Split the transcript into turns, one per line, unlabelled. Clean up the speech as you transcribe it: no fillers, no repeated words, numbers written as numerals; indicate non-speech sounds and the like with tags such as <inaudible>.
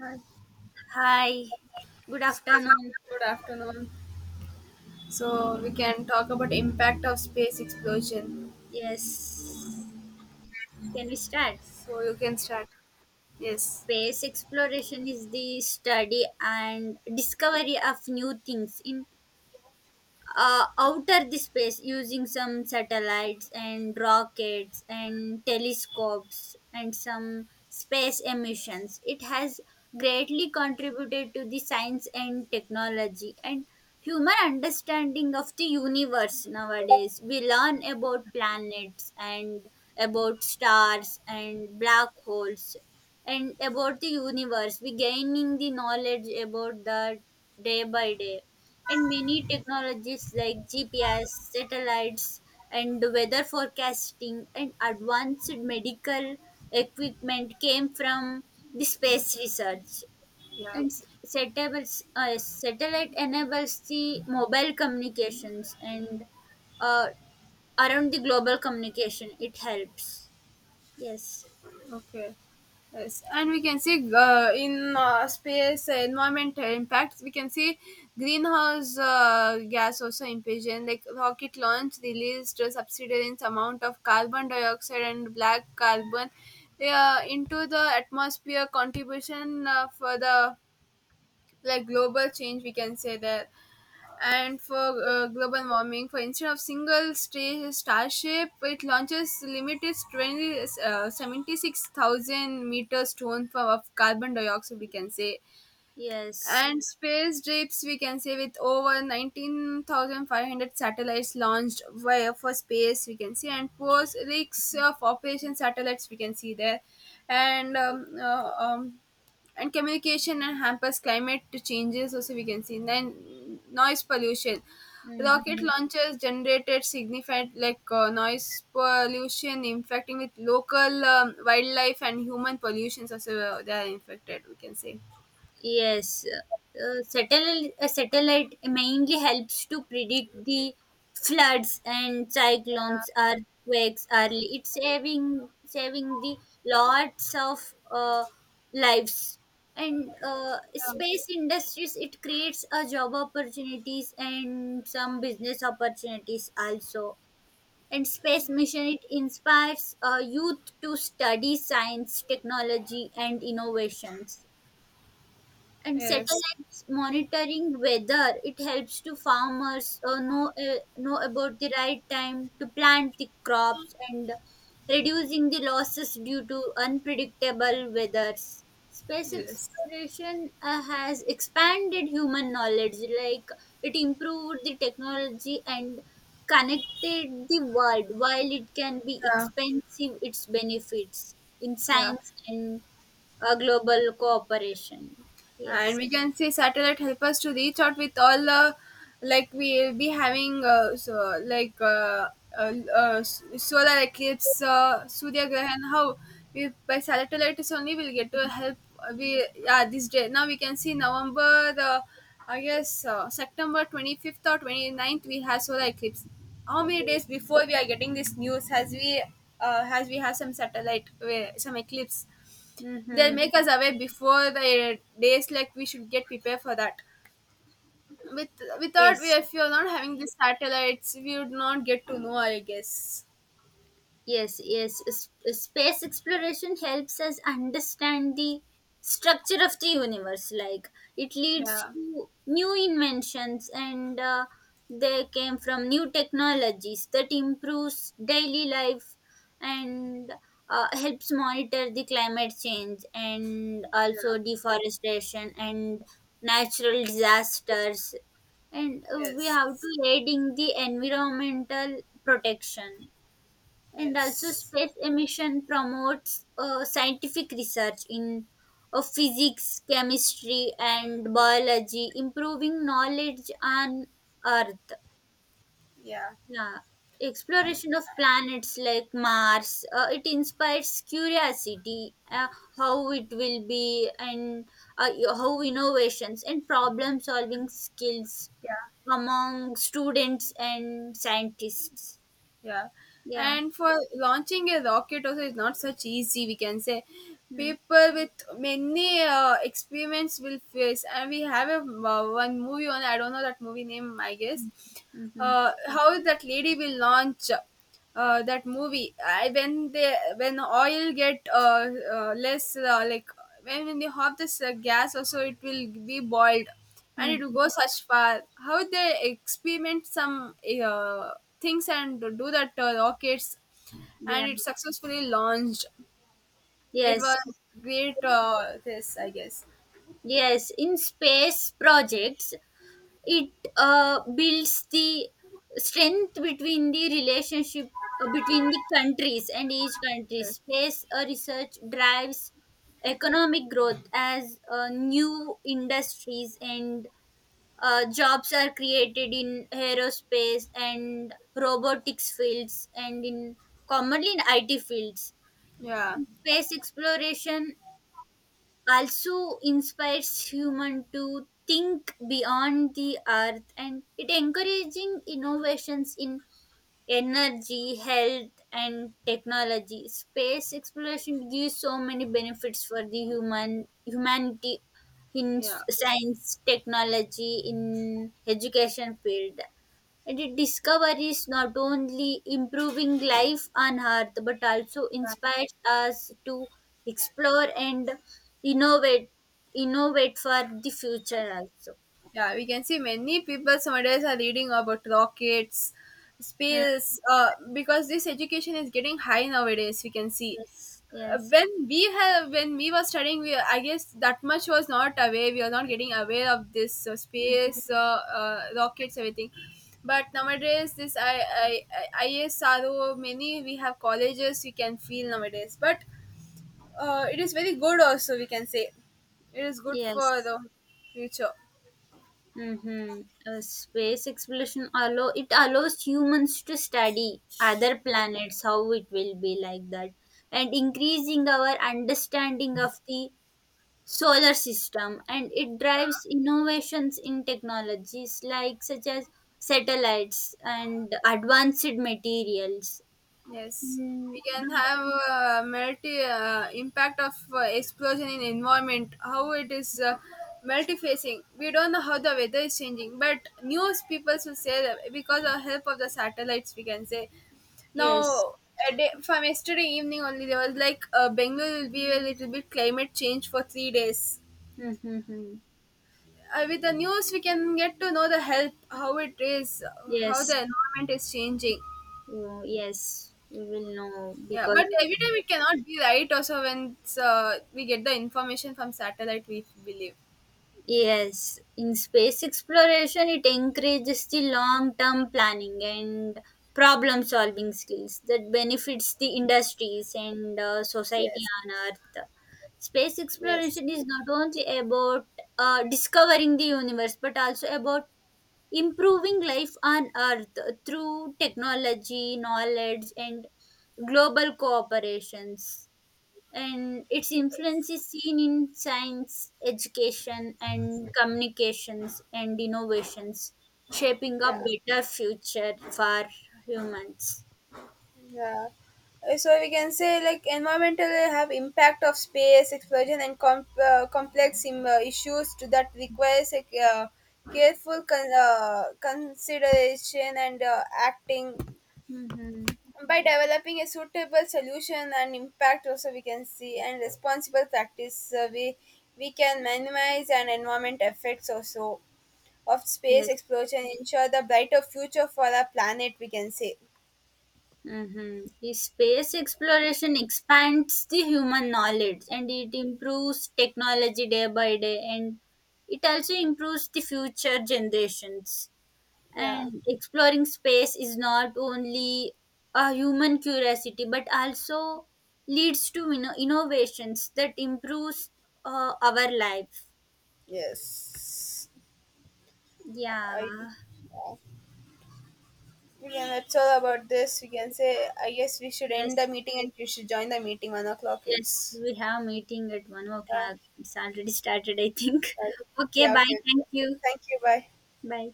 Hi.
Hi, good
So,
afternoon.
good afternoon. So we can talk about impact of space explosion.
Yes, can we start?
So you can start. Yes.
Space exploration is the study and discovery of new things in outer the space using some satellites and rockets and telescopes and some space emissions. It has greatly contributed to the science and technology and human understanding of the universe nowadays. We learn about planets and about stars and black holes and about the universe. We gaining the knowledge about that day by day, and many technologies like GPS, satellites, and weather forecasting and advanced medical equipment came from the space research.
Yeah.
And satellite enables the mobile communications and uh, around the global communication. It helps. Yes.
Okay. Yes, and we can see in space environment impacts. We can see greenhouse gas also impinging, like rocket launch released a subsidence amount of carbon dioxide and black carbon into the atmosphere. Contribution for the like global change, we can say that, and for global warming. For instead of single star starship, it launches limited 20, 76,000 meters ton for, of carbon dioxide, we can say,
Yes.
and space trips we can say, with over 19,500 satellites launched via for space we can see, and post rigs of operation satellites we can see there, and um, uh, um, and communication and hampers climate changes also we can see. Then noise pollution, rocket
hmm
launchers generated significant like noise pollution infecting with local wildlife, and human pollutions also they are infected, we can say.
Yes, satellite a satellite mainly helps to predict the floods and cyclones, earthquakes early. It's saving the lots of lives and
Yeah.
space industries. It creates a job opportunities and some business opportunities also. And space mission it inspires youth to study science, technology, and innovations, and
Yes,
satellites monitoring weather it helps to farmers know about the right time to plant the crops and reducing the losses due to unpredictable weathers. Space
yes,
exploration has expanded human knowledge, like it improved the technology and connected the world. While it can be
yeah,
expensive, its benefits in
yeah,
science and a global cooperation.
and
Yes.
we can say satellite help us to reach out with all the, like, we'll be having solar eclipse, Surya Grahan. How we by satellite is only we'll get to help. We, yeah, this day now we can see November, I guess September 25th or twenty ninth we have solar eclipse. How many days
Yes.
before we are getting this news? Has we have some satellite, some eclipse? They'll
Mm-hmm.
make us aware before the days, like we should get prepared for that. With without, we,
Yes.
if you're not having these satellites, we would not get to know, I guess.
Yes, yes. S- Space exploration helps us understand the structure of the universe. Like, it leads
Yeah.
to new inventions, and they came from new technologies that improves daily life, and helps monitor the climate change and also
Yeah.
deforestation and natural disasters. And we
Yes.
have to aid in the environmental protection, and also
Yes.
space emission promotes scientific research in physics, chemistry, and biology, improving knowledge on earth.
Yeah.
Yeah exploration of planets like Mars, it inspires curiosity, how it will be, and uh, how innovations and problem solving skills
Yeah.
among students and scientists.
Yeah.
Yeah
And for launching a rocket also is not such easy, we can say.
Hmm.
People with many experiments will face, and we have a one movie on. I don't know that movie name. I guess
Mm-hmm.
how that lady will launch. That movie, I, when oil get less, like, when they have this gas also, it will be boiled and it will
Mm-hmm.
go such far, how they experiment some uh, things and do that rockets, and
Yeah.
it successfully launched. It
Yes,
was great, this, I guess
yes. In space projects, it builds the strength between the relationship between the countries and each country. Space research drives economic growth as new industries and jobs are created in aerospace and robotics fields, and in commonly in IT fields.
yeah
Space exploration also inspires human to think beyond the earth, and it encouraging innovations in energy, health, and technology. Space exploration gives so many benefits for the humanity in
yeah.
s- science, technology, in education field. And it discoveries not only improving life on Earth but also inspires us to explore and innovate, innovate for the future also.
Yeah, we can see many people nowadays are reading about rockets,
Mm,
space, because this education is getting high nowadays, we can see.
yes, yes.
When we have when we were studying, we, I guess, that much was not aware. We are not getting aware of this
Mhm.
space, rockets, everything. But nowadays, this I, I ISRO, many we have colleges we can feel nowadays. But it is very good also. We can say it is good for
Yes.
the future.
Mm-hmm. Space exploration allow it allows humans to study other planets, how it will be like that, and increasing our understanding of the solar system. And it drives innovations in technologies like such as satellites and advanced materials.
Yes, we
Mm,
can have multi impact of explosion in environment. How it is multi-facing. We don't know how the weather is changing, but news people will say that because of help of the satellites, we can say
yes.
now. A day, from yesterday evening only, there was, like, Bengal will be a little bit climate change for 3 days.
Mm-hmm.
With the news, we can get to know the help, how it is, how the
Yes.
environment is changing.
Oh, yes. We will know
Yeah,
because,
but every time it cannot be right. Also, when we get the information from satellite, we believe.
yes, in space exploration, it encourages the long term planning and problem solving skills that benefits the industries and society
Yes,
on Earth. Space
yes,
exploration is not only about discovering the universe but also about improving life on Earth through technology, knowledge, and global cooperations, and its influence is seen in science, education, and communications and innovations, shaping a better future for humans.
yeah. So we can say, like, environmental have impact of space explosion, and complex issues to that, requires, like, careful consideration and acting.
Mm-hmm.
By developing a suitable solution and impact, also we can see, and responsible practice, we can minimize, and environment effects also of space
Yes.
exploration ensure the brighter future for our planet, we can say.
Mm-hmm. The space exploration expands the human knowledge, and it improves technology day by day, and it also improves the future generations,
Yeah.
and exploring space is not only a human curiosity but also leads to, you know, innovations that improves our life.
Yes.
Yeah
I, yeah. That's all about this, we can say, I guess we should end the
yes,
meeting, and you should join the meeting 1 o'clock.
yes,
It's
we have meeting at one
uh,
o'clock It's already started, I think.
right.
<laughs> Okay,
Yeah,
bye,
okay,
thank
okay.
you.
Thank you, bye.
Bye.